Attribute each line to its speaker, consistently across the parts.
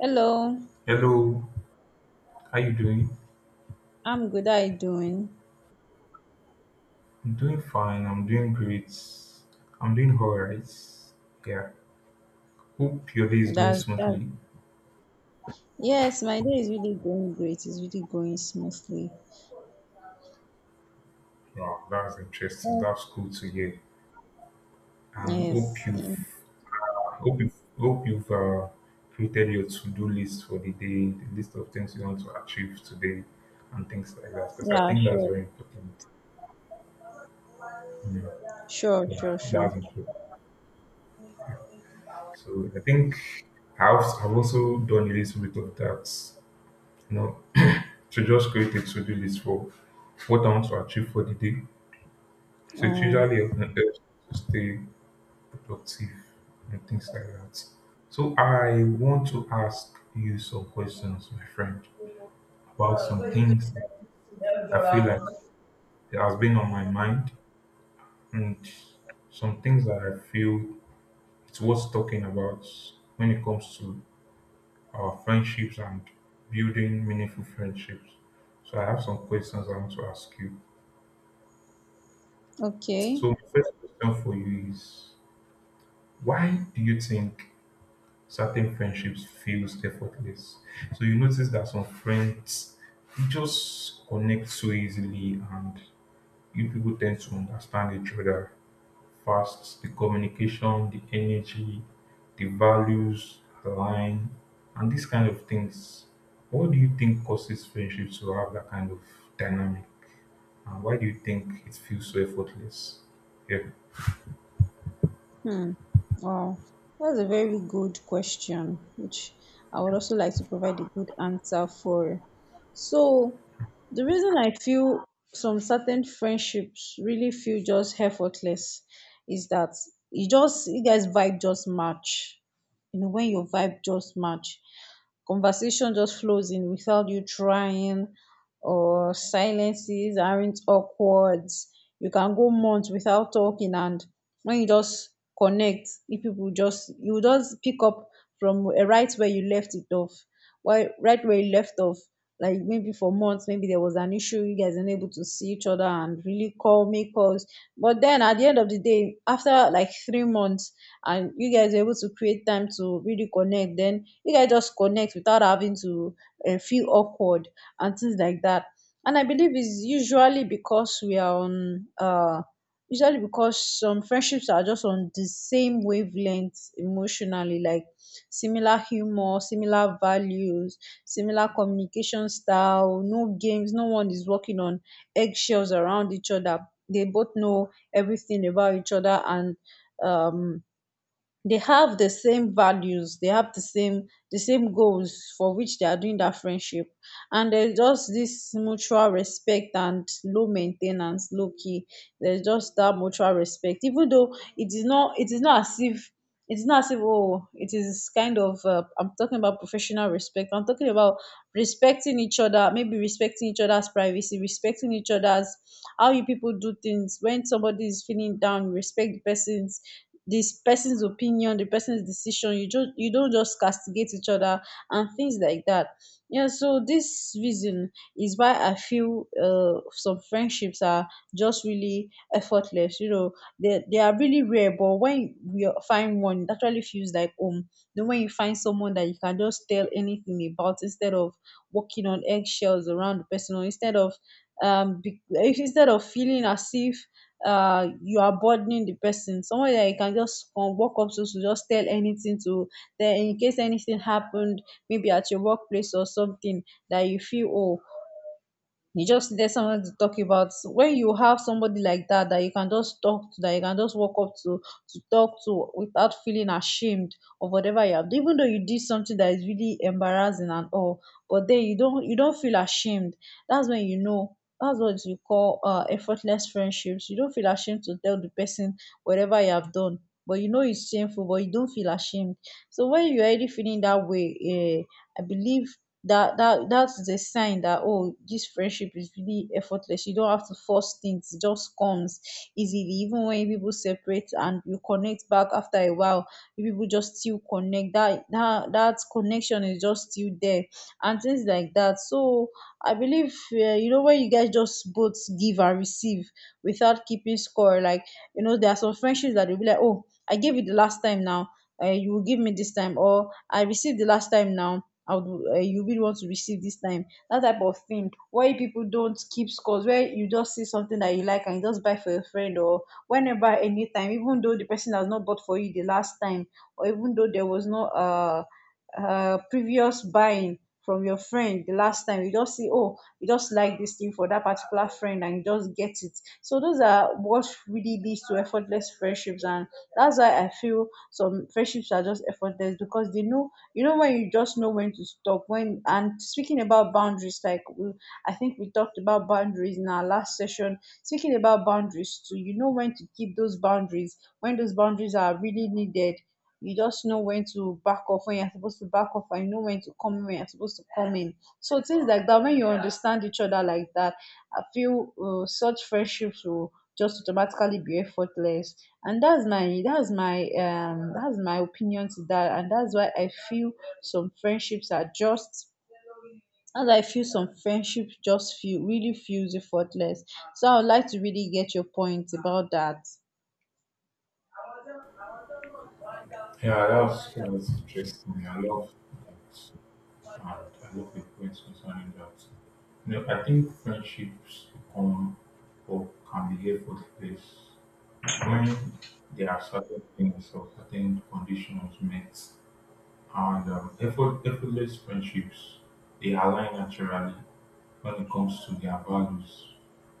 Speaker 1: Hello,
Speaker 2: Hello, how you doing?
Speaker 1: I'm good. How are you doing?
Speaker 2: I'm doing fine. I'm doing great. I'm doing all right. Yeah. Hope your day is going
Speaker 1: That's that.
Speaker 2: smoothly.
Speaker 1: Yes, my day is really going great. It's really going smoothly.
Speaker 2: Wow, that's interesting.
Speaker 1: Yes.
Speaker 2: That's cool to hear. And
Speaker 1: Yes.
Speaker 2: hope you've created your to-do list for the day, the list of things you want to achieve today, and things like that. Because I
Speaker 1: Yeah,
Speaker 2: think that's
Speaker 1: sure.
Speaker 2: very important.
Speaker 1: Sure,
Speaker 2: Yeah,
Speaker 1: sure, sure.
Speaker 2: that's important. So I think I've also done a little bit of that. You know, To just create a to-do list for what I want to achieve for the day. So it
Speaker 1: Um,
Speaker 2: helps me to stay productive and things like that. So I want to ask you some questions, my friend, about some things I feel like it has been on my mind and some things that I feel it's worth talking about when it comes to our friendships and building meaningful friendships. So I have some questions I want to ask you.
Speaker 1: okay.
Speaker 2: So my first question for you is, why do you think certain friendships feels effortless? So you notice that some friends they just connect so easily and you people tend to understand each other fast. The communication, the energy, the values align and these kind of things. What do you think causes friendships to have that kind of dynamic? And why do you think it feels so effortless? Yeah.
Speaker 1: Hmm. Wow. That's a very good question, which I would also like to provide a good answer for. So, the reason I feel some certain friendships really feel just effortless is that you guys vibe just match. You know, when your vibe just match, conversation just flows in without you trying, or silences aren't awkward. You can go months without talking, and when you just connect, if people just you just pick up from right where you left it off, why right where you left off, like maybe for months, maybe there was an issue you guys unable to see each other and really call make calls. But then at the end of the day after like 3 months, and you guys are able to create time to really connect, then you guys just connect without having to feel awkward and things like that. And I believe it's usually because we are on usually because some friendships are just on the same wavelength emotionally, like similar humor, similar values, similar communication style, no games, no one is working on eggshells around each other. They both know everything about each other, and um, they have the same values, the same goals for which they are doing that friendship. And there's just this mutual respect and low maintenance, low key. There's just that mutual respect, even though it is not as if oh, it is kind of I'm talking about professional respect. I'm talking about respecting each other, maybe respecting each other's privacy, respecting each other's how you people do things. When somebody is feeling down, you respect the person's this person's opinion, the person's decision. You just you don't just castigate each other and things like that. Yeah, so this reason is why I feel some friendships are just really effortless, you know. They are really rare, but when we find one, it actually feels like home. Then when you find someone that you can just tell anything about, instead of walking on eggshells around the person, or instead of um, be- instead of feeling as if you are burdening the person, someone that you can just come walk up to just tell anything to, then in case anything happened, maybe at your workplace or something, that you feel, oh, you just needed someone to talk about. When you have somebody like that that you can just talk to, that you can just walk up to talk to without feeling ashamed of whatever you have, even though you did something that is really embarrassing and all, but then you don't feel ashamed. That's when you know. That's what you call effortless friendships. You don't feel ashamed to tell the person whatever you have done, but you know it's shameful, but you don't feel ashamed. So when you're already feeling that way, eh, I believe that that's a sign that oh, this friendship is really effortless. You don't have to force things. It just comes easily. Even when people separate and you connect back after a while, you people just still connect. That connection is just still there, and things like that. So I believe you know, when you guys just both give and receive without keeping score, like, you know, there are some friendships that will be like, oh, I gave you the last time, now you will give me this time, or I received the last time, now I would, you really want to receive this time. That type of thing. Why people don't keep scores, where you just see something that you like and you just buy for your friend, or whenever, anytime, even though the person has not bought for you the last time, or even though there was no previous buying from your friend the last time, you just see, oh, you just like this thing for that particular friend and you just get it. So those are what really leads to effortless friendships. And that's why I feel some friendships are just effortless because they know, you know, when you just know when to stop, when and speaking about boundaries, I think we talked about boundaries in our last session. Speaking about boundaries too, you know when to keep those boundaries, when those boundaries are really needed. You just know when to back off when you're supposed to back off, and you know when to come in when you're supposed to come in. So things like that, when you understand each other like that, I feel such friendships will just automatically be effortless. And that's my opinion to that. And that's why I feel some friendships are just. As I feel some friendships just feel really feels effortless. So I would like to really get your point about that.
Speaker 2: Yeah, that's interesting. I love that, and I love the points concerning that. You know, I think friendships become or can be effortless when there are certain things or certain conditions met, and effortless friendships they align naturally when it comes to their values.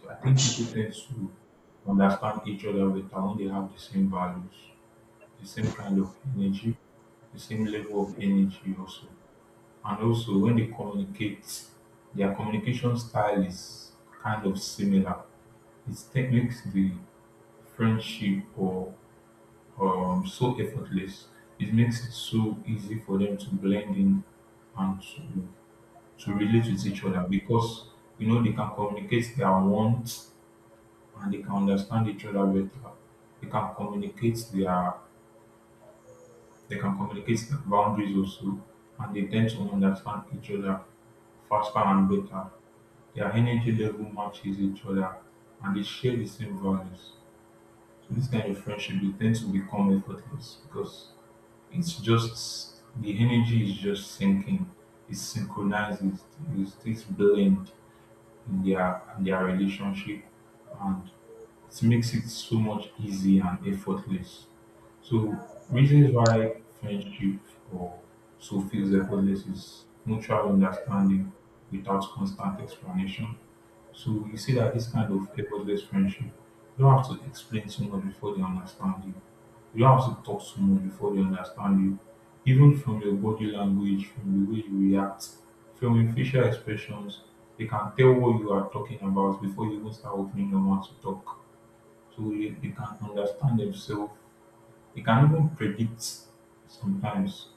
Speaker 2: So I think people tend to understand each other better when they have the same values, the same kind of energy, the same level of energy also. And also when they communicate, their communication style is kind of similar. Makes the friendship or so effortless. It makes it so easy for them to blend in and to relate with each other because you know they can communicate their wants and they can understand each other better. They can communicate their They can communicate boundaries also, and they tend to understand each other faster and better. Their energy level matches each other and they share the same values. So this kind of friendship they tend to become effortless because it's just the energy is just sinking. It synchronizes, it's blend in their relationship and it makes it so much easy and effortless. So reasons why friendship or so feels effortless is mutual understanding without constant explanation. So you see that this kind of effortless friendship, you don't have to explain so much before they understand you. You don't have to talk so much before they understand you. Even from your body language, from the way you react, from your facial expressions, they can tell what you are talking about before you even start opening your mouth to talk. So they can understand themselves. They can even predict sometimes,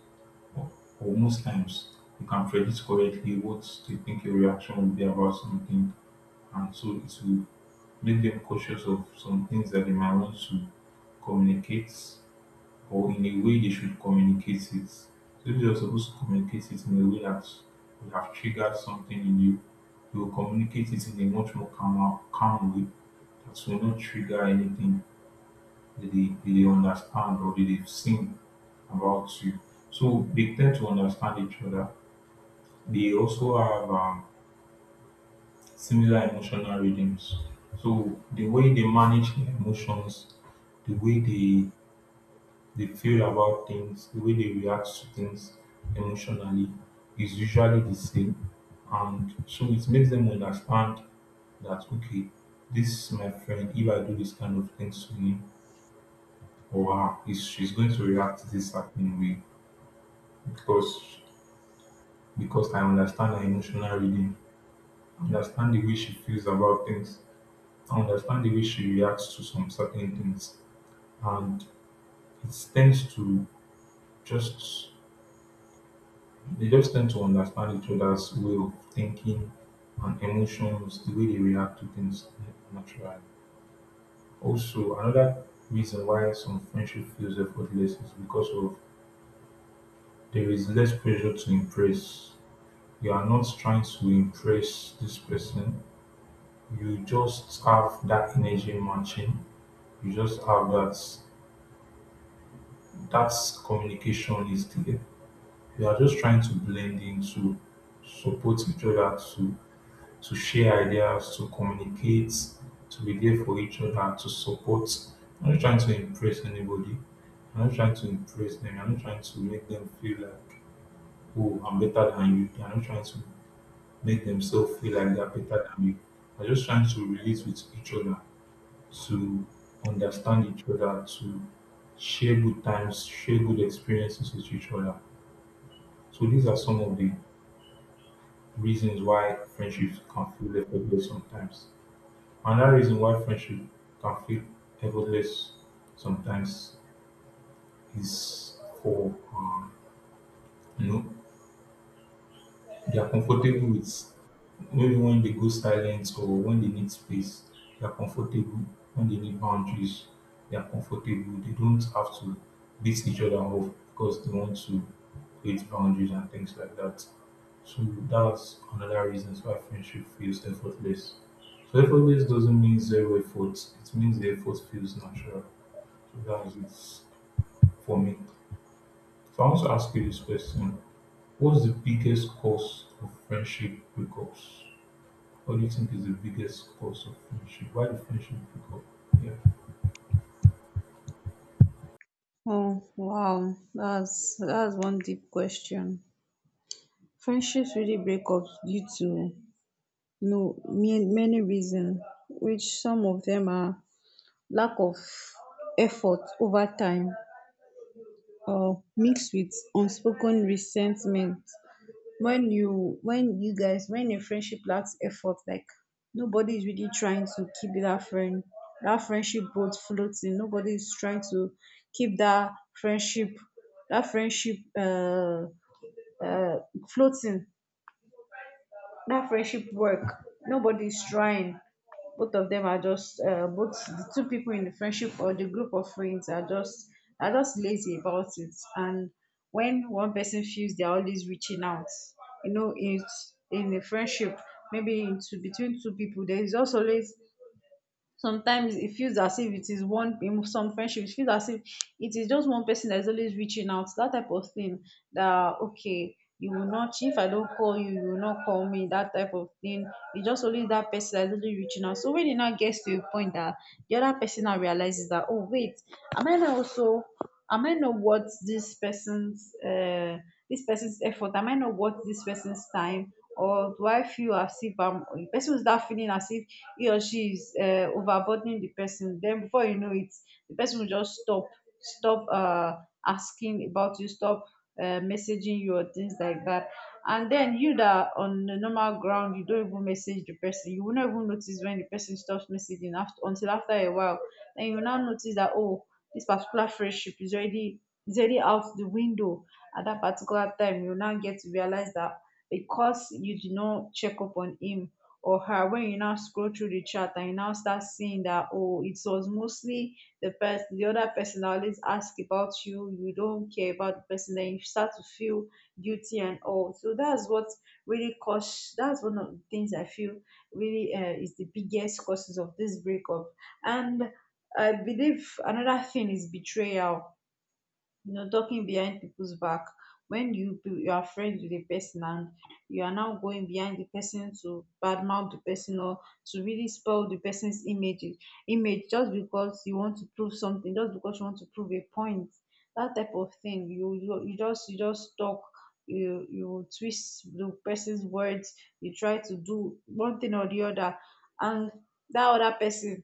Speaker 2: or, or most times, you can predict correctly what they think your reaction will be about something. And so it will make them cautious of some things that they might want to communicate or in a way they should communicate it. So if you're supposed to communicate it in a way that will have triggered something in you, you will communicate it in a much more calm way that will not trigger anything that that they understand or that they've seen about you. So they tend to understand each other. They also have similar emotional rhythms. So the way they manage their emotions, the way they they feel about things, the way they react to things emotionally is usually the same. And so it makes them understand that, okay, this is my friend. If I do this kind of things to him or her, she's going to react this certain way because because I understand her emotional reading, I understand the way she feels about things, I understand the way she reacts to some certain things. And it tends to just They just tend to understand each other's way of thinking and emotions, the way they react to things naturally. Also, another reason why some friendship feels effortless is because of there is less pressure to impress. You are not trying to impress this person. You just have that energy matching. You just have that communication is there. You are just trying to blend in to support each other to share ideas, to communicate, to be there for each other, and to support. I'm not trying to impress anybody. I'm not trying to impress them. I'm not trying to make them feel like, oh, I'm better than you. I'm not trying to make themselves feel like they're better than me. I'm just trying to relate with each other, to understand each other, to share good times, share good experiences with each other. So these are some of the reasons why friendships can feel effortless sometimes. Another reason why friendship can feel effortless sometimes is for you know they are comfortable with maybe when they go silent or when they need space. They are comfortable when they need boundaries. They are comfortable. They don't have to beat each other off because they want to create boundaries and things like that. So that's another reason why friendship feels effortless. So effortless doesn't mean zero effort. It means the effort feels natural. That's it for me. So I want to ask you this question. What's the biggest cause of friendship breakups? What do you think is the biggest cause of friendship? Why do friendship break up? Yeah.
Speaker 1: Oh wow, that's one deep question. Friendships really break up due to, you know, many reasons, which some of them are lack of effort over time or mixed with unspoken resentment. When you when you guys when a friendship lacks effort, like nobody is really trying to keep that friend that friendship boat floating, nobody is trying to keep that friendship, that friendship uh, floating, that friendship work, nobody is trying. Both of them are just both the two people in the friendship or the group of friends are just lazy about it. And when one person feels they're always reaching out, you know, it's in a friendship, maybe into between two people, there is also always, sometimes it feels as if it is one, in some friendships it feels as if it is just one person that is always reaching out, that type of thing, that okay you will not, if I don't call you, you will not call me, that type of thing. It's just only that person that is only reaching out. So when it now gets to a point that the other person now realizes that, oh wait, am i now also am I not worth this person's effort, am I not worth this person's time, or do I feel as if I'm, the person will start feeling as if he or she is overburdening the person, then before you know it, the person will just stop asking about you, stop messaging you or things like that. And then you that are on the normal ground, you don't even message the person, you will not even notice when the person stops messaging, after until after a while, then you will now notice that, oh, this particular friendship is already, is already out the window. At that particular time, you now get to realize that because you did not check up on him or her, when you now scroll through the chat and you now start seeing that, oh, it was mostly the other person that always ask about you, you don't care about the person, then you start to feel guilty and all. So that's what really cause, that's one of the things I feel really, is the biggest causes of this breakup. And I believe another thing is betrayal, you know, talking behind people's back. When you you are friends with a person and you are now going behind the person to badmouth the person or to really spoil the person's image, just because you want to prove something, just because you want to prove a point, that type of thing. You just talk, you twist the person's words, you try to do one thing or the other. And that other person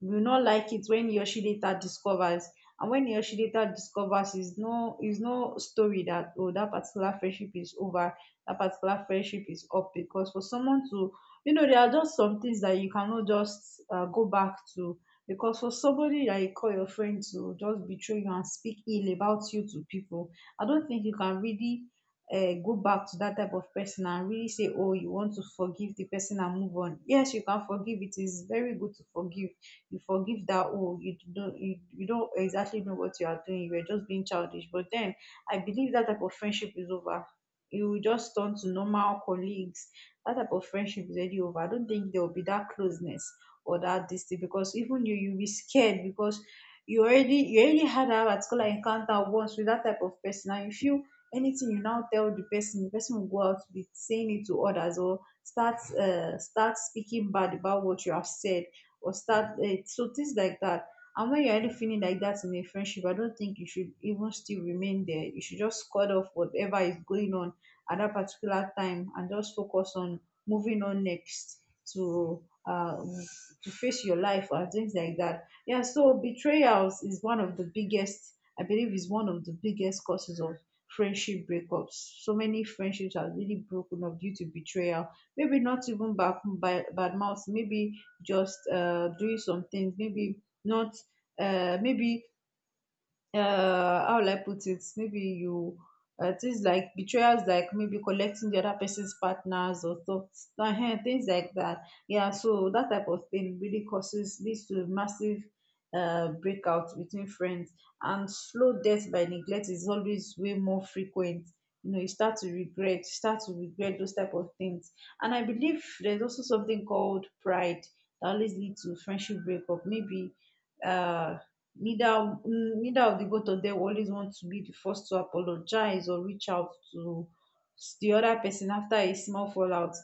Speaker 1: will not like it when he or she later discovers. And when Neyoshi later discovers, is no, is no story, that oh, that particular friendship is over, that particular friendship is up. Because for someone to, you know, there are just some things that you cannot just go back to. Because for somebody that you call your friend to just betray you and speak ill about you to people, I don't think you can really go back to that type of person and really say, oh, you want to forgive the person and move on. Yes, you can forgive. It is very good to forgive. You forgive that, oh, you don't you don't exactly know what you are doing, you were just being childish, but then I believe that type of friendship is over. You will just turn to normal colleagues. That type of friendship is already over. I don't think there will be that closeness or that this thing, because even you'll be scared because you already had a particular encounter once with that type of person and you feel anything you now tell the person, the person will go out to be saying it to others or start start speaking bad about what you have said or start it. So things like that. And when you're already feeling like that in a friendship, I don't think you should even still remain there. You should just cut off whatever is going on at that particular time and just focus on moving on next to uh to face your life and things like that. Yeah, so betrayals is one of the biggest, I believe is one of the biggest causes of friendship breakups. So many friendships are really broken up due to betrayal. Maybe not even bad bad mouth, maybe just doing some things, maybe not maybe how will I put it? Maybe you things like betrayals, like maybe collecting the other person's partners or stuff, things like that. Yeah, so that type of thing really causes leads to massive breakout between friends, and slow death by neglect is always way more frequent. You know, you start to regret, you start to regret those type of things. And I believe there's also something called pride that always leads to friendship breakup. Maybe uh Neither neither of the both of them always want to be the first to apologize or reach out to the other person after a small fallout.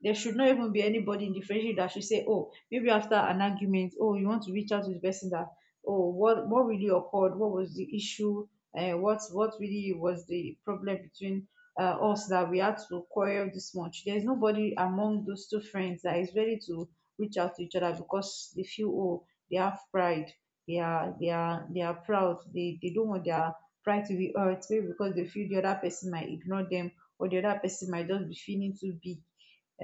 Speaker 1: There should not even be anybody in the friendship that should say, "Oh, maybe after an argument, oh, you want to reach out to the person that, oh, what really occurred? What was the issue? What really was the problem between us that we had to quarrel this much?" There is nobody among those two friends that is ready to reach out to each other because they feel, oh, they have pride, they are proud. They don't want their pride to be hurt, maybe because they feel the other person might ignore them or the other person might just be feeling too big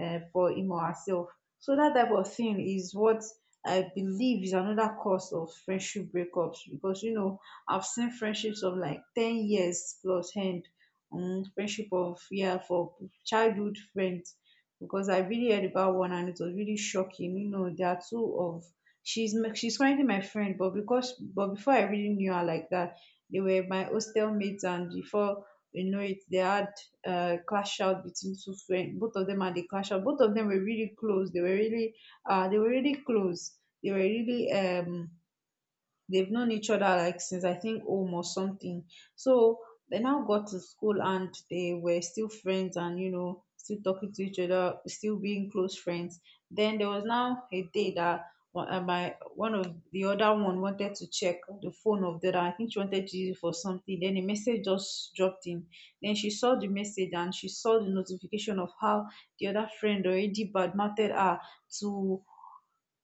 Speaker 1: for him or herself. So that type of thing is what I believe is another cause of friendship breakups, because you know I've seen friendships of like 10 years plus end, friendship of yeah for childhood friends, because I really heard about one and it was really shocking. You know, there are two of she's currently my friend, but because but before I really knew her like that, they were my hostel mates, and before we know it they had clash out between two friends, both of them had a clash out. Both of them were really close, they were really close, they were really they've known each other like since I think home or something. So they now got to school and they were still friends and you know still talking to each other, still being close friends. Then there was now a day that one- my one of the other one wanted to check the phone of the other. I think she wanted to use it for something. Then a message just dropped in. Then she saw the message and she saw the notification of how the other friend already badmouthed her to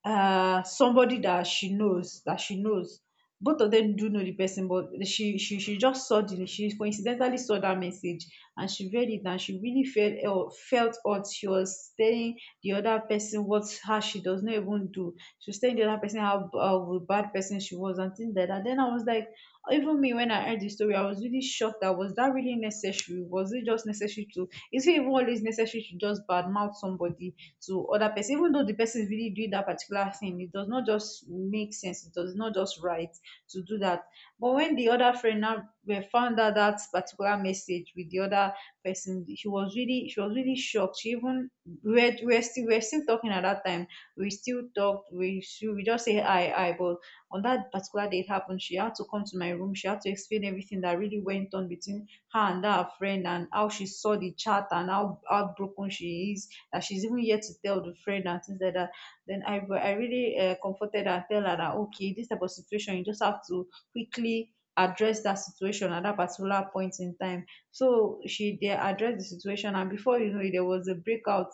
Speaker 1: somebody that she knows. Both of them do know the person, but she just saw the, she coincidentally saw that message and she read it and she really felt hurt. She was telling the other person what how she does not even do, she was telling the other person how how a bad person she was and things like that. Then I was like, even me when I heard the story I was really shocked. That was that really necessary? Was it just necessary to, is it even always necessary to just badmouth somebody to other person even though the person is really doing that particular thing? It does not just make sense, it does not just right to do that. But when the other friend now found out that particular message with the other person, she was really shocked. She even read, we're still talking at that time, we still talked we still we just say hi hi, but on that particular day it happened, she had to come to my room. She had to explain everything that really went on between her and that her friend and how she saw the chat and how heartbroken she is, that she's even yet to tell the friend and things like that. Then I really comforted her and tell her that, okay, this type of situation, you just have to quickly address that situation at that particular point in time. So she they addressed the situation, and before you know it, there was a breakout.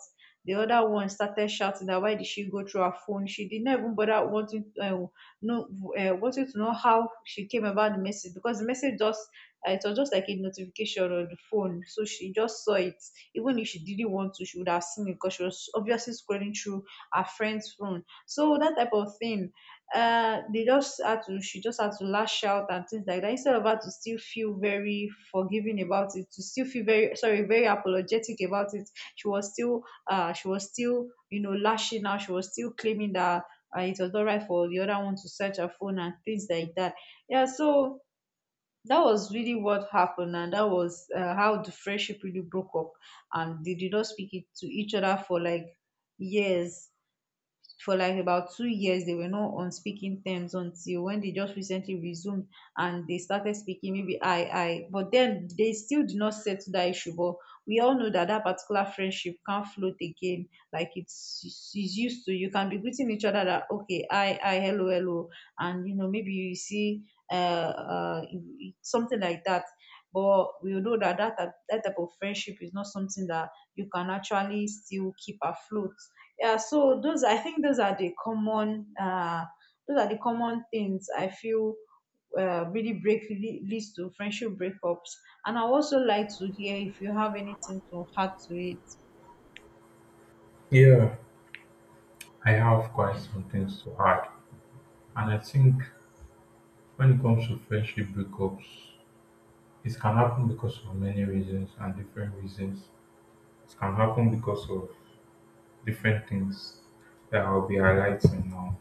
Speaker 1: The other one started shouting that why did she go through her phone? She did not even bother wanting know wanting to know how she came about the message, because the message just it was just like a notification on the phone, so she just saw it. Even if she didn't want to she would have seen it, because she was obviously scrolling through her friend's phone. So that type of thing, they just had to she just had to lash out and things like that, instead of her to still feel very forgiving about it, to still feel very sorry, very apologetic about it, she was still she was still you know lashing out, she was still claiming that it was not right for the other one to search her phone and things like that. Yeah, so that was really what happened, and that was how the friendship really broke up, and they did not speak it to each other for like years, for like about 2 years they were not on speaking terms, until when they just recently resumed and they started speaking. Maybe I but then they still did not settle that issue, but we all know that that particular friendship can't float again, like it's used to. You can be greeting each other that okay I, hello hello, and you know maybe you see uh something like that, but we know that that type of friendship is not something that you can actually still keep afloat. Yeah, so those, I think those are the common those are the common things I feel really leads to friendship breakups. And I also like to hear if you have anything to add to it.
Speaker 2: Yeah, I have quite some things to add. And I think when it comes to friendship breakups, it can happen because of many reasons and different reasons. It can happen because of different things that I'll be highlighting now.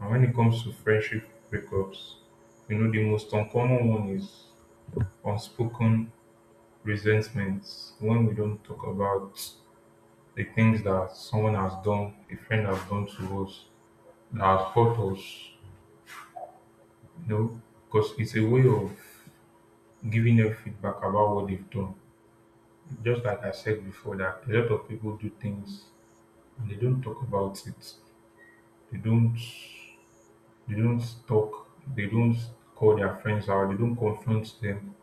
Speaker 2: And when it comes to friendship breakups, you know, the most uncommon one is unspoken resentments when we don't talk about the things that someone has done, a friend has done to us, that has hurt us, you know, because it's a way of giving them feedback about what they've done. Just like I said before, that a lot of people do things and they don't talk about it. They don't they don't talk, they don't call their friends out, they don't confront them.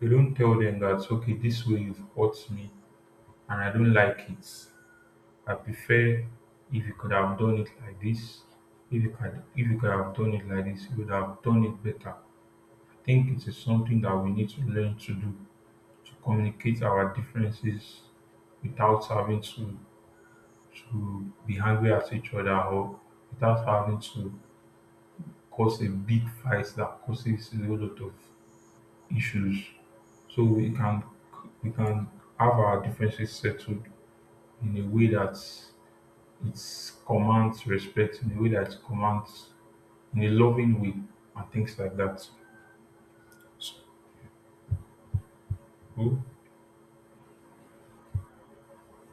Speaker 2: You don't tell them that, okay, this way you've hurt me and I don't like it. I prefer if you could have done it like this. If you could have done it like this, you would have done it better. I think it is something that we need to learn to do, to communicate our differences without having to be angry at each other or without having to cause a big fight that causes a whole lot of issues so we can have our differences settled in a way that it commands respect, in a way that commands in a loving way and things like that so